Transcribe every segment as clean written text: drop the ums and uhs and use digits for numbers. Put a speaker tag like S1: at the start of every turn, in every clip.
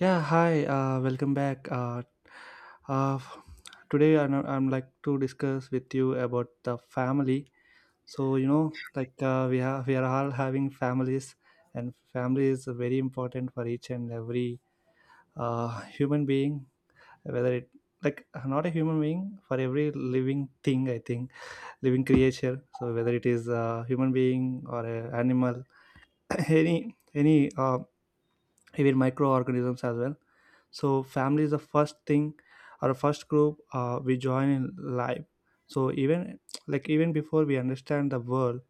S1: Yeah, hi, welcome back. Uh, today I'm like to discuss with you about the family. So, you know, we are all having families, and family is very important for each and every human being, whether it like not a human being, for every living thing, I think, living creature. So whether it is a human being or an animal any even microorganisms as well. So family is the first thing or first group we join in life. So even before we understand the world,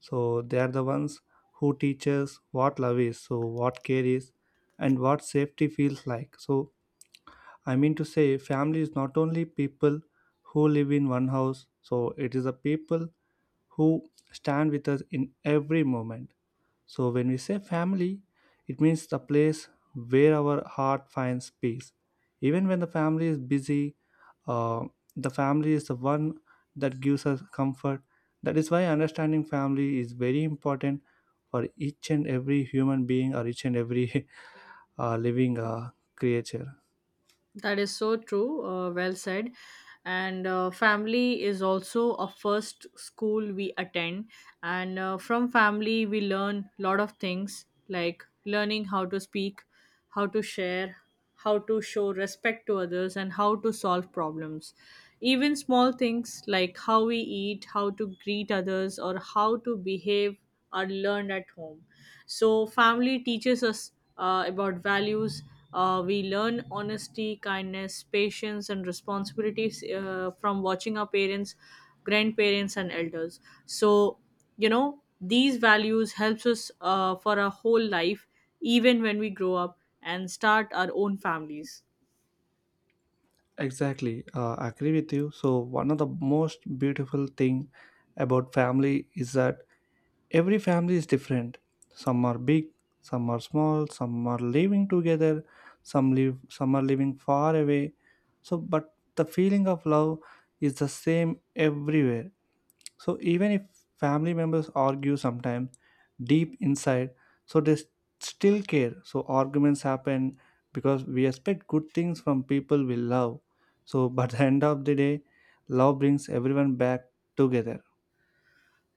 S1: so they are the ones who teach us what love is, so what care is, and what safety feels like. So I mean to say, family is not only people who live in one house. So it is the people who stand with us in every moment. So when we say family, it means the place where our heart finds peace. Even when the family is busy, uh, the family is the one that gives us comfort. That is why understanding family is very important for each and every human being, or each and every living creature.
S2: That is so true. Well said. And family is also a first school we attend. And from family, we learn a lot of things like learning how to speak, how to share, how to show respect to others, and how to solve problems. Even small things like how we eat, how to greet others, or how to behave are learned at home. So, family teaches us about values. We learn honesty, kindness, patience, and responsibilities from watching our parents, grandparents, and elders. So, these values helps us for our whole life, even when we grow up and start our own families.
S1: Exactly, I agree with you. So one of the most beautiful thing about family is that every family is different. Some are big, some are small, some are living together, some are living far away. So but the feeling of love is the same everywhere. So even if family members argue sometimes deep inside, so they s- still care. So arguments happen because we expect good things from people we love. So but the end of the day, love brings everyone back together.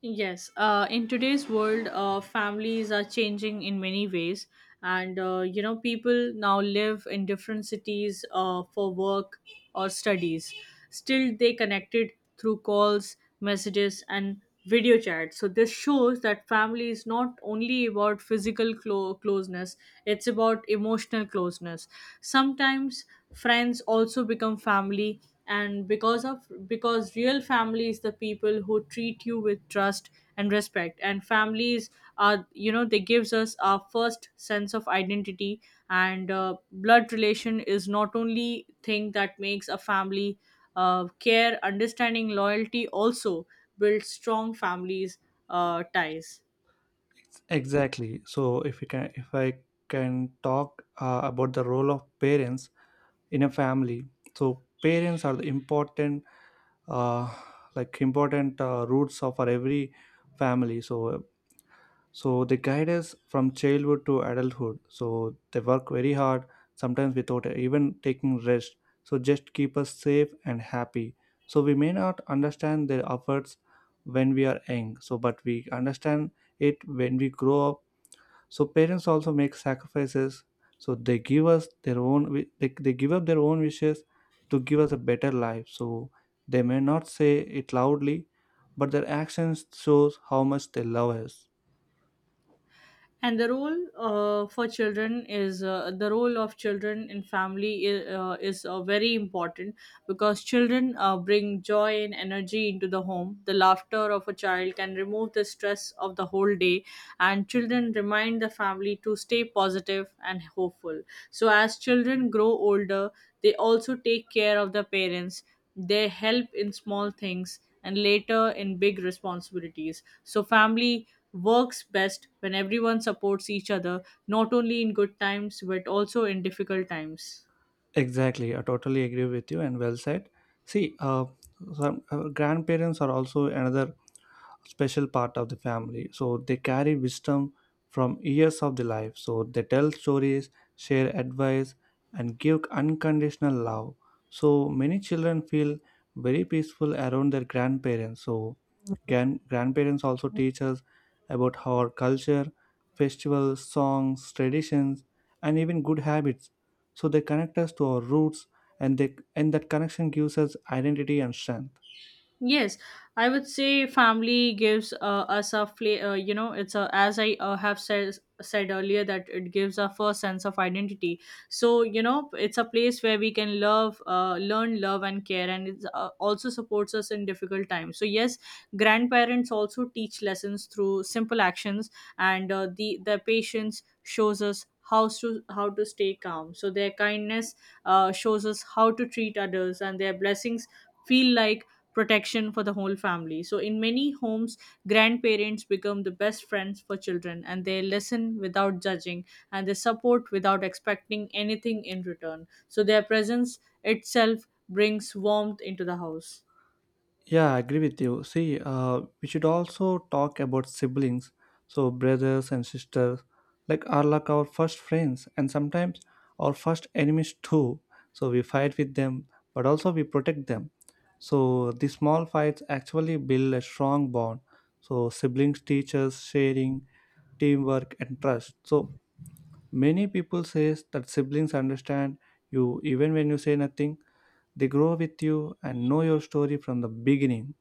S2: Yes, in today's world, families are changing in many ways, and people now live in different cities for work or studies. Still, they connected through calls, messages, and video chat. So this shows that family is not only about physical closeness; it's about emotional closeness. Sometimes friends also become family, and because real family is the people who treat you with trust and respect. And families are, they gives us our first sense of identity. And blood relation is not only thing that makes a family. Care, understanding, loyalty also builds strong families ties.
S1: Exactly. So if I can talk about the role of parents in a family. So parents are the uh, important roots of our every family. So they guide us from childhood to adulthood. So they work very hard, sometimes without even taking rest, so just keep us safe and happy. So we may not understand their efforts when we are young. So but we understand it when we grow up. So parents also make sacrifices. So they give us their own wi- they give up their own wishes to give us a better life. So they may not say it loudly, but their actions shows how much they love us.
S2: And the role for children is, the role of children in family is, very important because children bring joy and energy into the home. The laughter of a child can remove the stress of the whole day, and children remind the family to stay positive and hopeful. So as children grow older, they also take care of their parents. They help in small things and later in big responsibilities. So family works best when everyone supports each other, not only in good times but also in difficult times.
S1: Exactly, I totally agree with you, and well said. See, some grandparents are also another special part of the family. So they carry wisdom from years of the life. So they tell stories, share advice, and give unconditional love. So many children feel very peaceful around their grandparents. So grandparents also teach us about our culture, festivals, songs, traditions, and even good habits. So they connect us to our roots, and they and that connection gives us identity and strength.
S2: Yes, I would say family gives us a it's a, as I have said earlier, that it gives a first sense of identity. So it's a place where we can love, learn love and care, and it also supports us in difficult times. So yes, grandparents also teach lessons through simple actions, and their patience shows us how to stay calm. So their kindness shows us how to treat others, and their blessings feel like protection for the whole family. So, in many homes, grandparents become the best friends for children, and they listen without judging, and they support without expecting anything in return. So, their presence itself brings warmth into the house.
S1: Yeah, I agree with you. See, we should also talk about siblings, so brothers and sisters, are like our first friends and sometimes our first enemies too. So we fight with them, but also we protect them. So these small fights actually build a strong bond. So siblings teach us sharing, teamwork, and trust. So many people says that siblings understand you even when you say nothing. They grow with you and know your story from the beginning.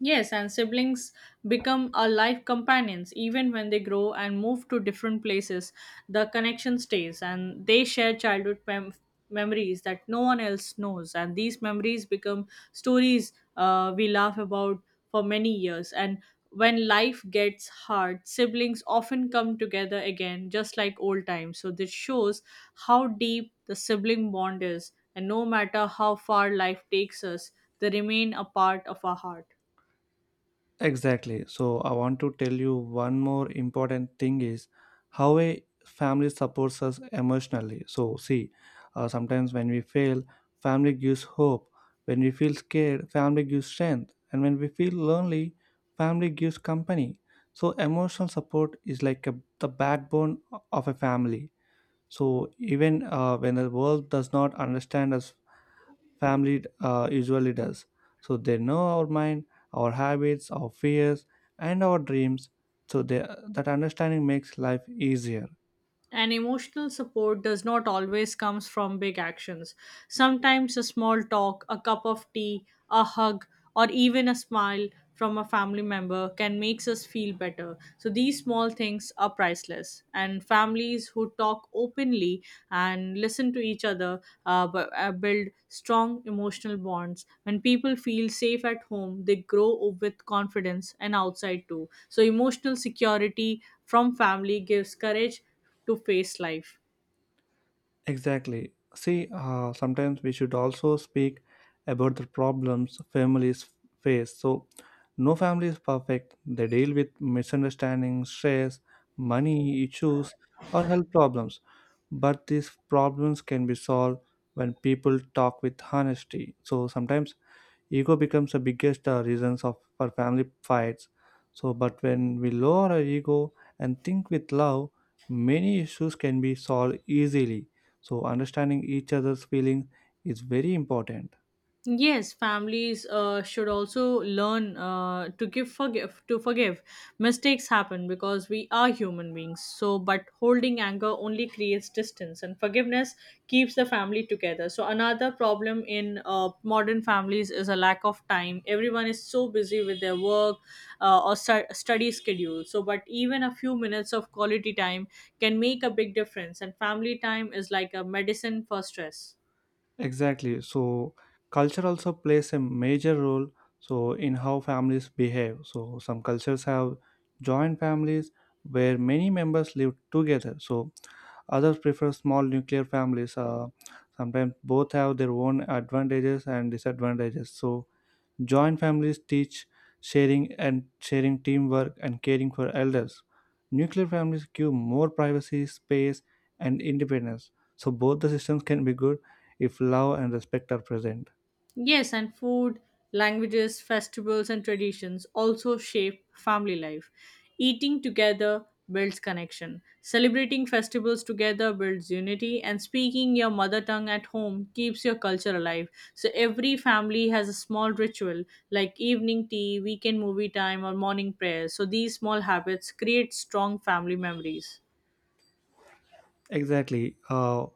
S2: Yes, and siblings become our life companions even when they grow and move to different places. The connection stays, and they share childhood memories that no one else knows. And these memories become stories we laugh about for many years. And when life gets hard, siblings often come together again, just like old times. So this shows how deep the sibling bond is, and no matter how far life takes us, they remain a part of our heart.
S1: Exactly. So I want to tell you one more important thing is how a family supports us emotionally. So see, sometimes when we fail, family gives hope. When we feel scared, family gives strength. And when we feel lonely, family gives company. So emotional support is like the backbone of a family. So even when the world does not understand us, family usually does. So they know our mind, our habits, our fears, and our dreams. So that understanding makes life easier.
S2: And emotional support does not always comes from big actions. Sometimes a small talk, a cup of tea, a hug, or even a smile from a family member can makes us feel better. So these small things are priceless, and families who talk openly and listen to each other build strong emotional bonds. When people feel safe at home, they grow with confidence, and outside too. So emotional security from family gives courage to face life.
S1: Exactly. See, sometimes we should also speak about the problems families face. So no family is perfect. They deal with misunderstandings, stress, money issues, or health problems. But these problems can be solved when people talk with honesty. So sometimes ego becomes the biggest reasons of for family fights. So but when we lower our ego and think with love, many issues can be solved easily. So understanding each other's feelings is very important.
S2: Yes, families should also learn to give forgive to forgive. Mistakes happen because we are human beings. So, but holding anger only creates distance, and forgiveness keeps the family together. So, another problem in modern families is a lack of time. Everyone is so busy with their work or study schedule. So, but even a few minutes of quality time can make a big difference. And family time is like a medicine for stress.
S1: Exactly. So culture also plays a major role in how families behave. So some cultures have joint families where many members live together. So others prefer small nuclear families. Sometimes both have their own advantages and disadvantages. So joint families teach sharing, teamwork, and caring for elders. Nuclear families give more privacy, space, and independence. So both the systems can be good if love and respect are present.
S2: Yes, and food, languages, festivals, and traditions also shape family life. Eating together builds connection. Celebrating festivals together builds unity, and speaking your mother tongue at home keeps your culture alive. So, every family has a small ritual like evening tea, weekend movie time, or morning prayers. So, these small habits create strong family memories.
S1: Exactly.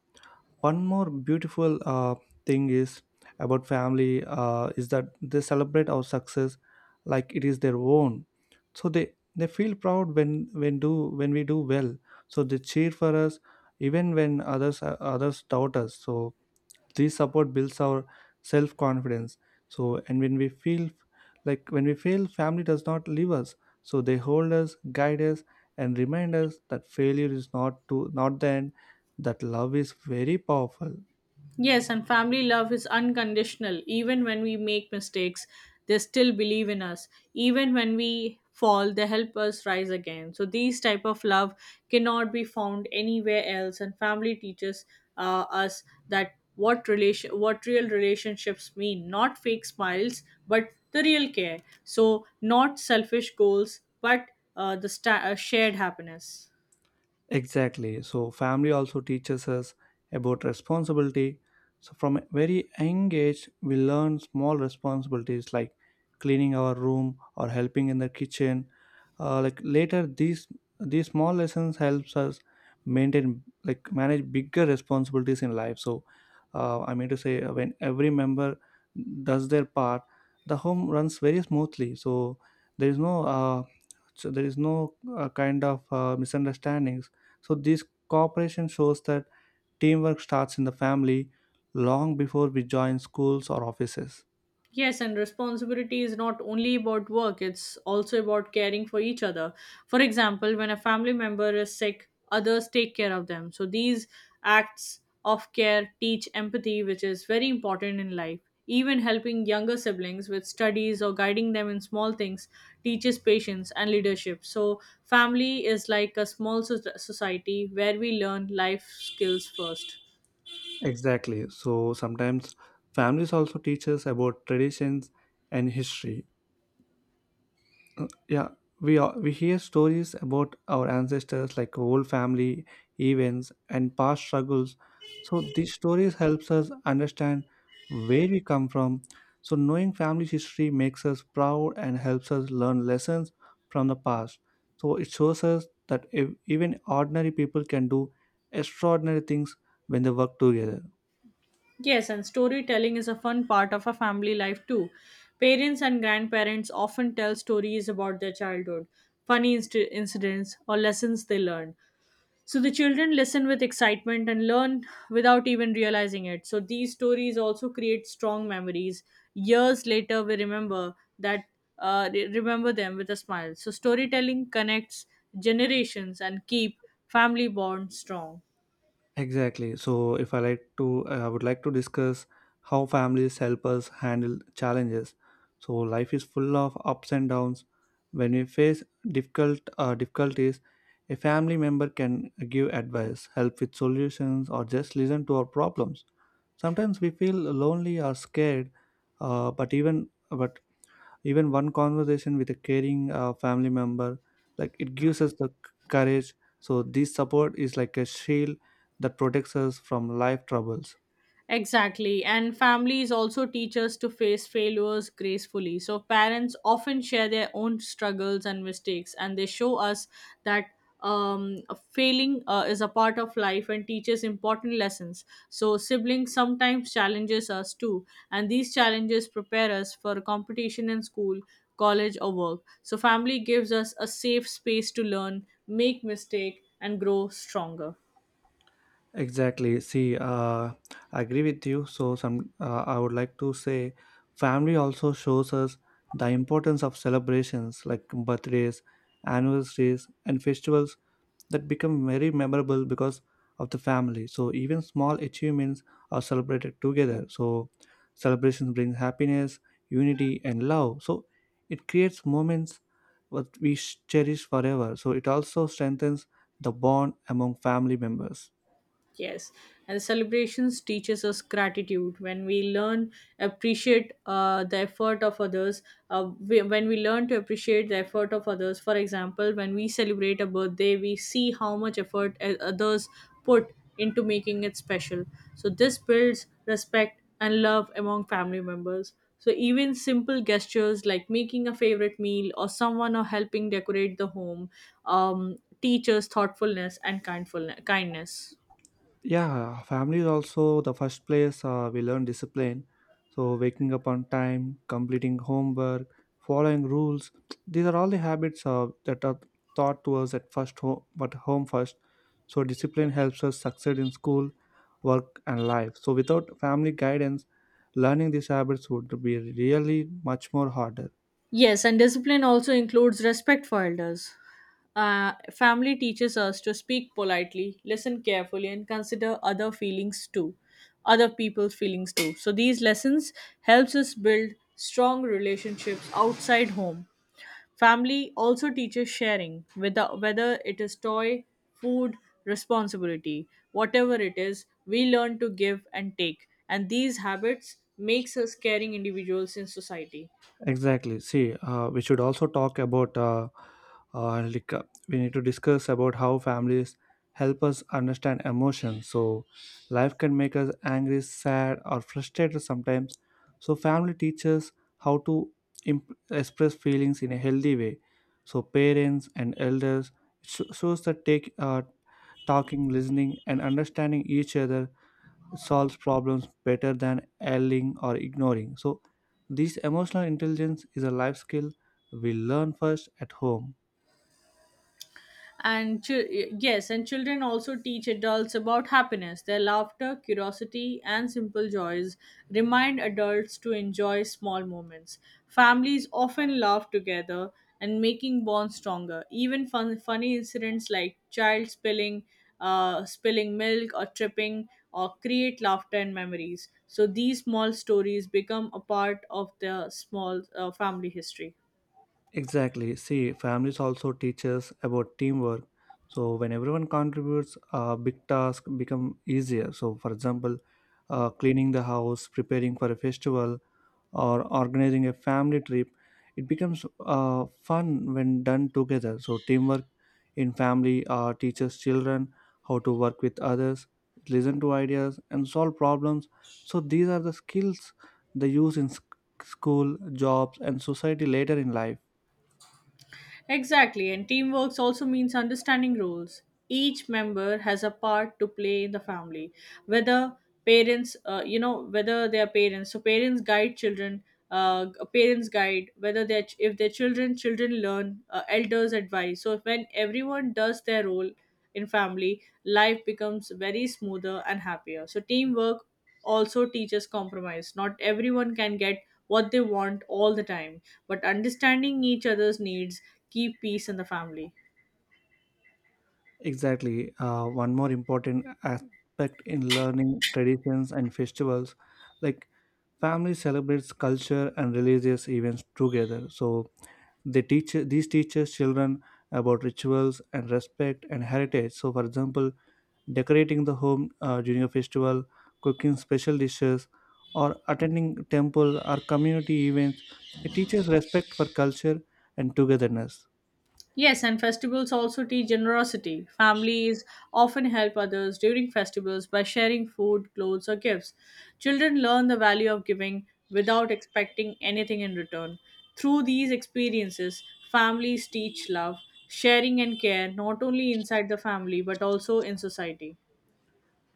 S1: One more beautiful thing is about family is that they celebrate our success like it is their own. So they feel proud when do when we do well. So they cheer for us even when others doubt us. So this support builds our self confidence. So and when we feel like when we fail, family does not leave us. So they hold us, guide us, and remind us that failure is not the end, that love is very powerful.
S2: Yes, and family love is unconditional. Even when we make mistakes, they still believe in us. Even when we fall, they help us rise again. So these type of love cannot be found anywhere else. And family teaches us that what real relationships mean, not fake smiles, but the real care. So not selfish goals, but shared happiness.
S1: Exactly. So family also teaches us about responsibility. So from a very young age, we learn small responsibilities like cleaning our room or helping in the kitchen. Later, these small lessons helps us maintain like manage bigger responsibilities in life. So I mean to say, when every member does their part, the home runs very smoothly. So there is no uh, there is no kind of misunderstandings. So this cooperation shows that teamwork starts in the family long before we join schools or offices.
S2: Yes, and responsibility is not only about work, it's also about caring for each other. For example, when a family member is sick, others take care of them. So these acts of care teach empathy, which is very important in life. Even helping younger siblings with studies or guiding them in small things teaches patience and leadership. So, family is like a small society where we learn life skills first.
S1: Exactly. So sometimes families also teach us about traditions and history. Yeah, we hear stories about our ancestors, like whole family events and past struggles. So these stories helps us understand where we come from. So knowing family history makes us proud and helps us learn lessons from the past. So it shows us that even ordinary people can do extraordinary things when they work together.
S2: Yes, and storytelling is a fun part of a family life too. Parents and grandparents often tell stories about their childhood, funny incidents, or lessons they learned. So the children listen with excitement and learn without even realizing it. So these stories also create strong memories. Years later, we remember them with a smile. So storytelling connects generations and keep family bonds strong.
S1: Exactly. So if I like to, I would like to discuss how families help us handle challenges. So life is full of ups and downs. When we face difficulties, a family member can give advice, help with solutions, or just listen to our problems. Sometimes we feel lonely or scared, but even one conversation with a caring family member, it gives us the courage. So this support is like a shield that protects us from life troubles.
S2: Exactly. And families also teach us to face failures gracefully. So parents often share their own struggles and mistakes, and they show us that um, failing is a part of life and teaches important lessons. So siblings sometimes challenges us too, and these challenges prepare us for competition in school, college, or work. So family gives us a safe space to learn, make mistake, and grow stronger.
S1: Exactly. See, I agree with you. So some I would like to say, family also shows us the importance of celebrations like birthdays, anniversaries, and festivals that become very memorable because of the family. So even small achievements are celebrated together. So celebrations bring happiness, unity, and love. So it creates moments what we cherish forever. So it also strengthens the bond among family members.
S2: Yes, and celebrations teaches us gratitude. When we learn appreciate the effort of others, when we learn to appreciate the effort of others. For example, when we celebrate a birthday, we see how much effort others put into making it special. So this builds respect and love among family members. So even simple gestures like making a favorite meal or someone or helping decorate the home teaches thoughtfulness and kindful kindness.
S1: Yeah, family is also the first place we learn discipline. So waking up on time, completing homework, following rules, these are all the habits that are taught to us at first home, but home first. So discipline helps us succeed in school, work, and life. So without family guidance, learning these habits would be really much more harder.
S2: Yes, and discipline also includes respect for elders. Family teaches us to speak politely, listen carefully, and consider other people's feelings too. So these lessons helps us build strong relationships outside home. Family also teaches sharing, whether it is toy, food, responsibility, whatever it is, we learn to give and take, and these habits makes us caring individuals in society.
S1: Exactly. See, we should also talk about like we need to discuss about how families help us understand emotions. So life can make us angry, sad, or frustrated sometimes. So family teaches how to express feelings in a healthy way. So parents and elders shows that take talking, listening, and understanding each other solves problems better than yelling or ignoring. So this emotional intelligence is a life skill we learn first at home.
S2: and chil- yes, and children also teach adults about happiness. Their laughter, curiosity, and simple joys remind adults to enjoy small moments. Families often laugh together, and making bonds stronger, even funny incidents like child spilling milk or tripping, or create laughter and memories. So these small stories become a part of the small family history.
S1: Exactly. See, families also teach us about teamwork. So when everyone contributes, a big task become easier. So, for example, cleaning the house, preparing for a festival, or organizing a family trip, it becomes fun when done together. So teamwork in family teaches children how to work with others, listen to ideas, and solve problems. So these are the skills they use in school, jobs, and society later in life.
S2: Exactly, and teamwork also means understanding roles. Each member has a part to play in the family, whether parents, whether they are parents. So parents guide children. Parents guide, whether they are if their children learn, elders advise. So when everyone does their role in family, life becomes very smoother and happier. So teamwork also teaches compromise. Not everyone can get what they want all the time, but understanding each other's needs keep peace in the family.
S1: Exactly. One more important aspect in learning traditions and festivals, like, family celebrates culture and religious events together, so they teach these teaches children about rituals and respect and heritage. So for example, decorating the home during a festival, cooking special dishes, or attending temple or community events, it teaches respect for culture and togetherness.
S2: Yes, and festivals also teach generosity. Families often help others during festivals by sharing food, clothes, or gifts. Children learn the value of giving without expecting anything in return. Through these experiences, families teach love, sharing, and care not only inside the family but also in society.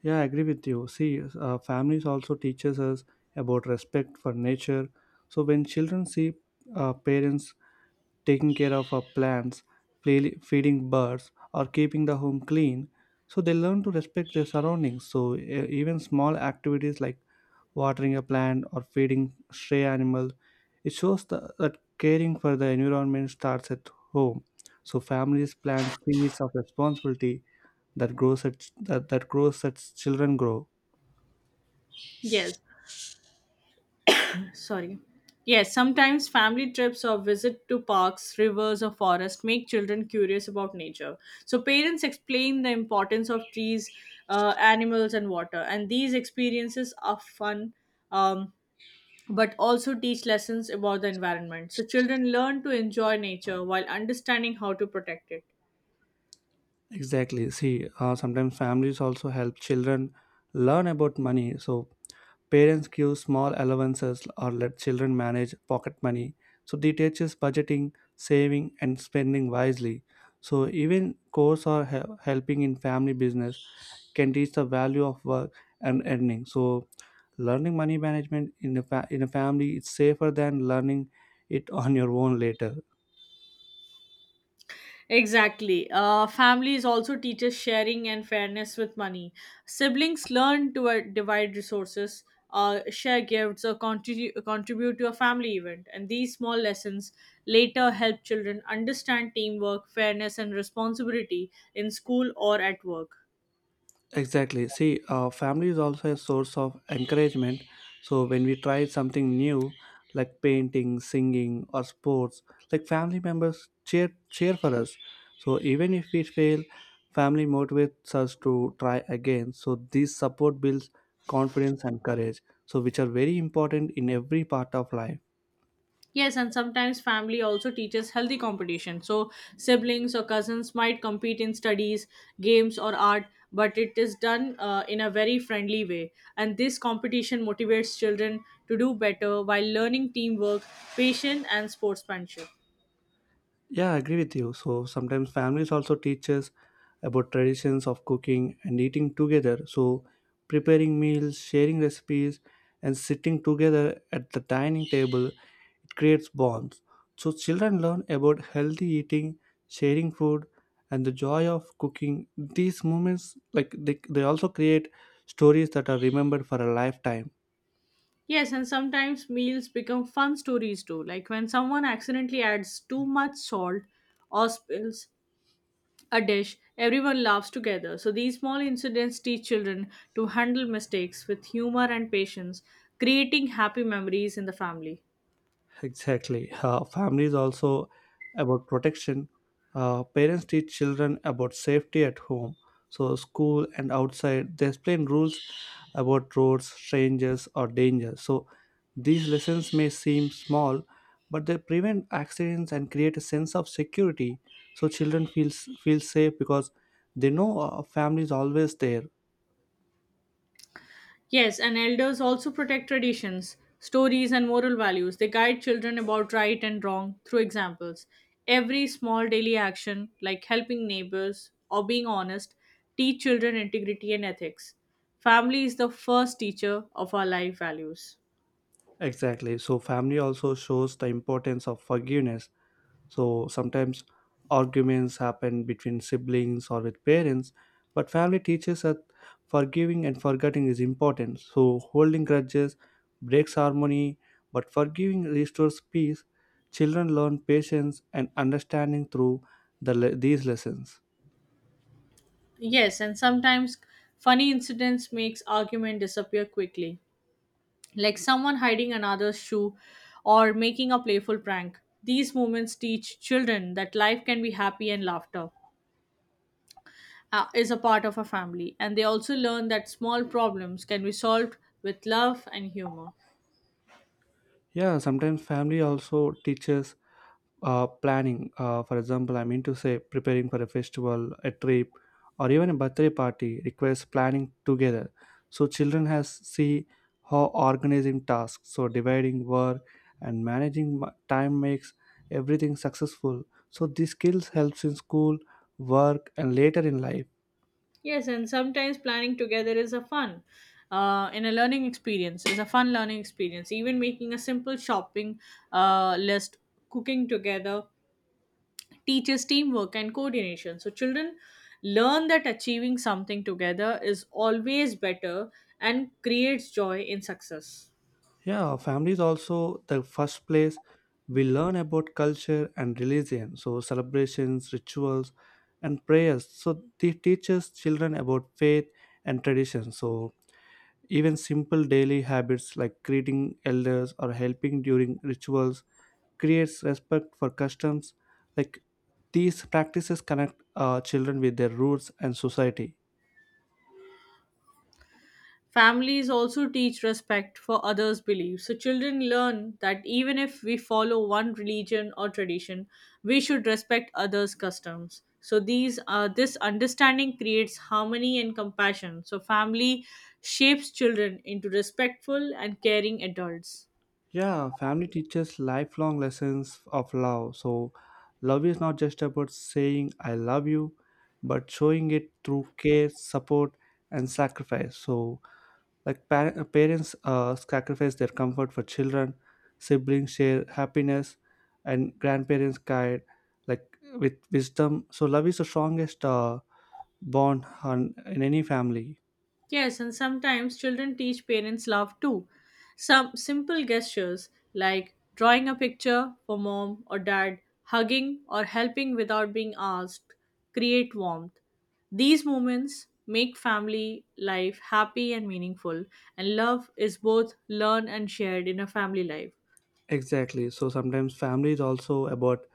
S1: Yeah, I agree with you. See, families also teaches us about respect for nature. So when children see parents taking care of our plants, feeding birds, or keeping the home clean, so they learn to respect their surroundings. So even small activities like watering a plant or feeding stray animals, it shows that caring for the environment starts at home. So families plant seeds of responsibility that that grows as children grow.
S2: Yes, sorry, yes, sometimes family trips or visit to parks, rivers, or forests make children curious about nature. So parents explain the importance of trees, animals, and water, and these experiences are fun, um, but also teach lessons about the environment. So children learn to enjoy nature while understanding how to protect it.
S1: Exactly. See, sometimes families also help children learn about money. So parents give small allowances or let children manage pocket money. So they teaches budgeting, saving, and spending wisely. So even course or helping in family business can teach the value of work and earning. So learning money management in a in a family is safer than learning it on your own later.
S2: Exactly. Families also teaches sharing and fairness with money. Siblings learn to divide resources, share gifts, or contribute to a family event. And these small lessons later help children understand teamwork, fairness, and responsibility in school or at work.
S1: Exactly. See, family is also a source of encouragement. So when we try something new, like painting, singing, or sports, like family members cheer for us. So even if we fail, family motivates us to try again. So this support builds confidence and courage, so which are very important in every part of life.
S2: Yes, and sometimes family also teaches healthy competition. So siblings or cousins might compete in studies, games, or art, but it is done in a very friendly way. And this competition motivates children to do better while learning teamwork, patience, and sportsmanship.
S1: Yeah, I agree with you. So sometimes families also teach us about traditions of cooking and eating together. So preparing meals, sharing recipes, and sitting together at the dining table, it creates bonds. So children learn about healthy eating, sharing food, and the joy of cooking. These moments, like they also create stories that are remembered for a lifetime.
S2: Yes, and sometimes meals become fun stories too. Like when someone accidentally adds too much salt or spills a dish, everyone laughs together. So these small incidents teach children to handle mistakes with humor and patience, creating happy memories in the family.
S1: Exactly. Family is also about protection. Parents teach children about safety at home. So, school and outside, they explain rules about roads, strangers, or danger. So, these lessons may seem small, but they prevent accidents and create a sense of security. So, children feel safe because they know family is always there.
S2: Yes, and elders also protect traditions, stories, and moral values. They guide children about right and wrong through examples. Every small daily action, like helping neighbors or being honest, teach children integrity and ethics. Family is the first teacher of our life values.
S1: Exactly. So, family also shows the importance of forgiveness. So sometimes arguments happen between siblings or with parents, but family teaches that forgiving and forgetting is important. So holding grudges breaks harmony, but forgiving restores peace. Children learn patience and understanding through these lessons.
S2: Yes, and sometimes funny incidents makes argument disappear quickly, like someone hiding another's shoe or making a playful prank. These moments teach children that life can be happy and laughter is a part of a family, and they also learn that small problems can be solved with love and humor.
S1: Yeah, sometimes family also teaches planning. For example, I mean to say, preparing for a festival, a trip, or even a birthday party requires planning together. So children has see how organizing tasks, so dividing work and managing time makes everything successful. So these skills helps in school, work, and later in life.
S2: Yes, and sometimes planning together is a fun. In a learning experience is a fun learning experience even making a simple shopping list cooking together teaches teamwork and coordination. So children learn that achieving something together is always better and creates joy in success.
S1: Yeah, family is also the first place we learn about culture and religion. So, celebrations, rituals, and prayers. So, they teach us children about faith and tradition. So, even simple daily habits like greeting elders or helping during rituals creates respect for customs. Like these practices connect children with their roots and society.
S2: Families also teach respect for others' beliefs. So children learn that even if we follow one religion or tradition, we should respect others' customs. So these this understanding creates harmony and compassion. So family shapes children into respectful and caring adults.
S1: Yeah, family teaches lifelong lessons of love. So, love is not just about saying I love you, but showing it through care, support, and sacrifice. So, like parents sacrifice their comfort for children, siblings share happiness, and grandparents guide, like, with wisdom. So, love is the strongest bond on, in any family.
S2: Yes, and sometimes children teach parents love too. Some simple gestures like drawing a picture for mom or dad, hugging or helping without being asked, create warmth. These moments make family life happy and meaningful, and love is both learned and shared in a family life.
S1: Exactly. So sometimes family is also about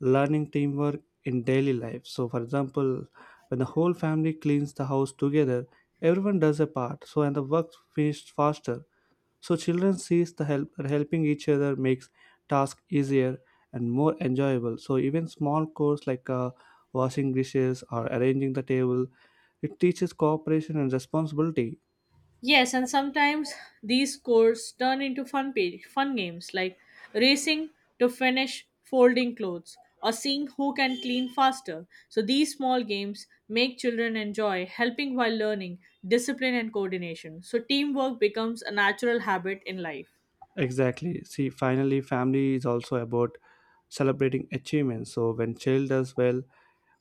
S1: learning teamwork in daily life. So, for example, when the whole family cleans the house together, everyone does a part. So, and the work finished faster. So, children sees the help helping each other makes task easier and more enjoyable. So, even small chores like washing dishes or arranging the table, it teaches cooperation and responsibility.
S2: Yes, and sometimes these scores turn into fun games like racing to finish folding clothes or seeing who can clean faster. So these small games make children enjoy helping while learning discipline and coordination. So teamwork becomes a natural habit in life.
S1: Exactly. See, finally, family is also about celebrating achievements. So when child does well,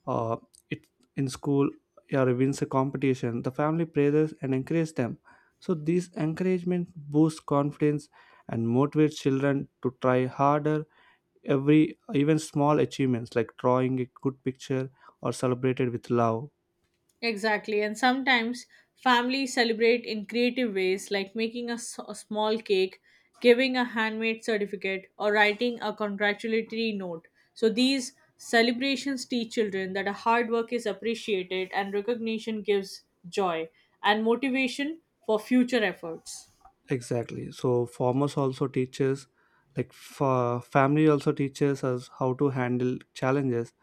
S1: uh, it in school, yeah, or wins a competition, the family praises and encourages them. So this encouragement boosts confidence and motivates children to try harder. Every even small achievements like drawing a good picture or celebrated with love.
S2: Exactly. And sometimes families celebrate in creative ways, like making a small cake, giving a handmade certificate, or writing a congratulatory note. So these celebrations teach children that a hard work is appreciated and recognition gives joy and motivation for future efforts.
S1: Exactly. So farmers also teaches, like, family also teaches us how to handle challenges,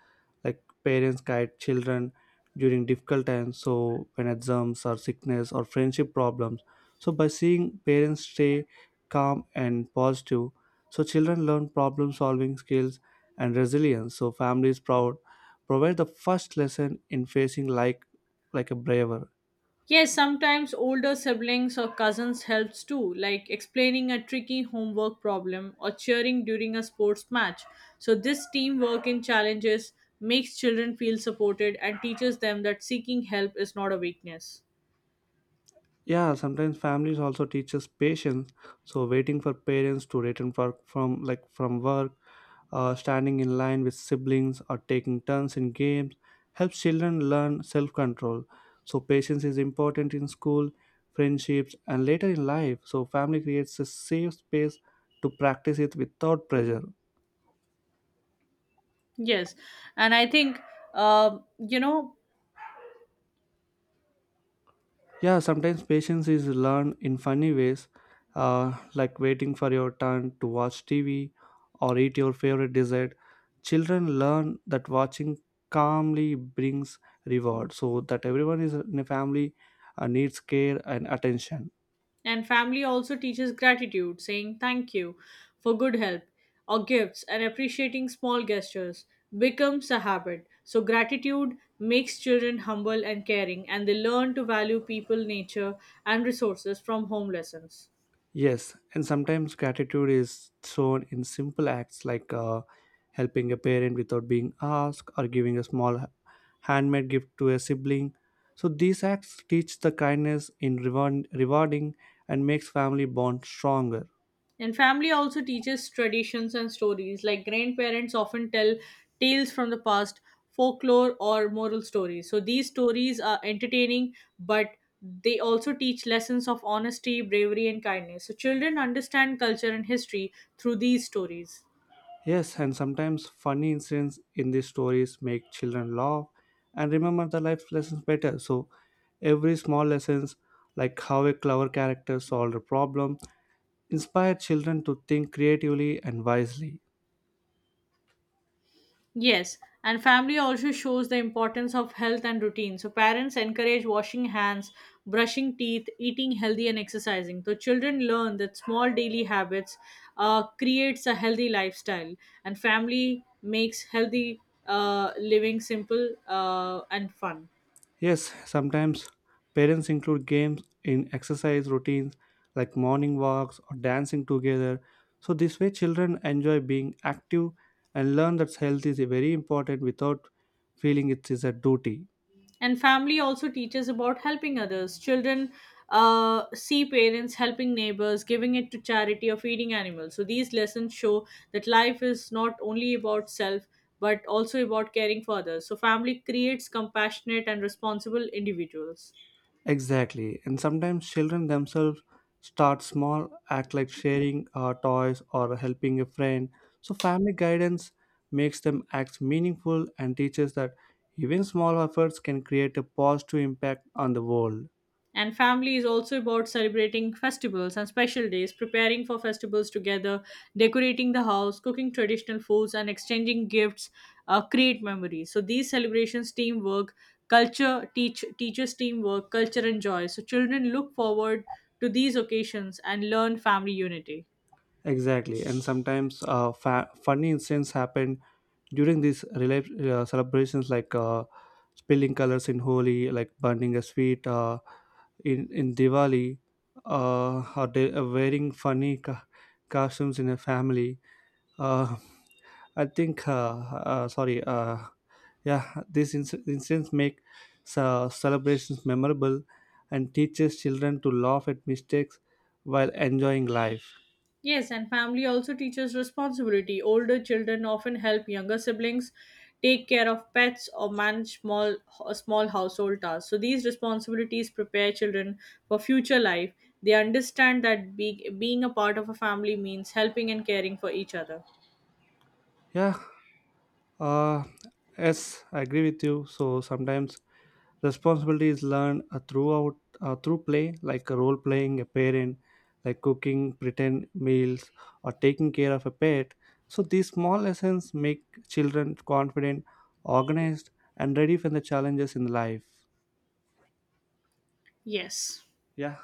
S1: like parents guide children during difficult times. So when exams or sickness or friendship problems, so by seeing parents stay calm and positive, so children learn problem solving skills and resilience. So families proud provide the first lesson in facing, like a braver.
S2: Yes, sometimes older siblings or cousins helps too, like explaining a tricky homework problem or cheering during a sports match. So this teamwork in challenges makes children feel supported and teaches them that seeking help is not a weakness.
S1: Yeah, sometimes families also teaches patience. So waiting for parents to return from, like, from work, standing in line with siblings or taking turns in games helps children learn self-control. So patience is important in school, friendships, and later in life. So family creates a safe space to practice it without pressure.
S2: Yes, and I think uh, you know
S1: Yeah, sometimes patience is learned in funny ways, like waiting for your turn to watch TV or eat your favorite dessert. Children learn that watching calmly brings reward. So that everyone is in a family needs care and attention.
S2: And family also teaches gratitude, saying thank you for good help or gifts and appreciating small gestures becomes a habit. So, gratitude makes children humble and caring, and they learn to value people, nature, and resources from home lessons.
S1: Yes, and sometimes gratitude is shown in simple acts like, helping a parent without being asked or giving a small handmade gift to a sibling. So these acts teach the kindness in rewarding and makes family bond stronger.
S2: And family also teaches traditions and stories, like grandparents often tell tales from the past, folklore, or moral stories. So these stories are entertaining, but they also teach lessons of honesty, bravery, and kindness. So children understand culture and history through these stories.
S1: Yes, and sometimes funny incidents in these stories make children laugh and remember the life lessons better. So every small lessons like how a clever character solved a problem inspire children to think creatively and wisely.
S2: Yes, and family also shows the importance of health and routine. So parents encourage washing hands, brushing teeth, eating healthy, and exercising. So children learn that small daily habits creates a healthy lifestyle, and family makes healthy living simple and fun.
S1: Yes, sometimes parents include games in exercise routines like morning walks or dancing together. So, this way, children enjoy being active and learn that health is very important without feeling it is a duty.
S2: And family also teaches about helping others children see parents helping neighbors giving it to charity or feeding animals. So these lessons show that life is not only about self but also about caring for others. So family creates compassionate and responsible individuals.
S1: Exactly. And sometimes children themselves start small, act like sharing toys or helping a friend. So, family guidance makes them act meaningful and teaches that even small efforts can create a positive impact on the world.
S2: And family is also about celebrating festivals and special days, preparing for festivals together, decorating the house, cooking traditional foods, and exchanging gifts create memories. So these celebrations, teamwork, culture teach teaches teamwork, culture and joy. So children look forward to these occasions and learn family unity.
S1: Exactly, and sometimes funny incidents happen during these celebrations, like, spilling colors in Holi, like burning a sweet in Diwali, wearing funny costumes in a family. Uh, I think, sorry, yeah, these incidents make celebrations memorable and teaches children to laugh at mistakes while enjoying life.
S2: Yes, and family also teaches responsibility. Older children often help younger siblings take care of pets or manage small household tasks. So these responsibilities prepare children for future life. They understand that being a part of a family means helping and caring for each other.
S1: Yeah. Uh, yes, I agree with you. So sometimes responsibility is learned through play, like a role playing a parent, like cooking pretend meals, or taking care of a pet. So these small lessons make children confident, organized, and ready for the challenges in life.
S2: Yes.
S1: Yeah.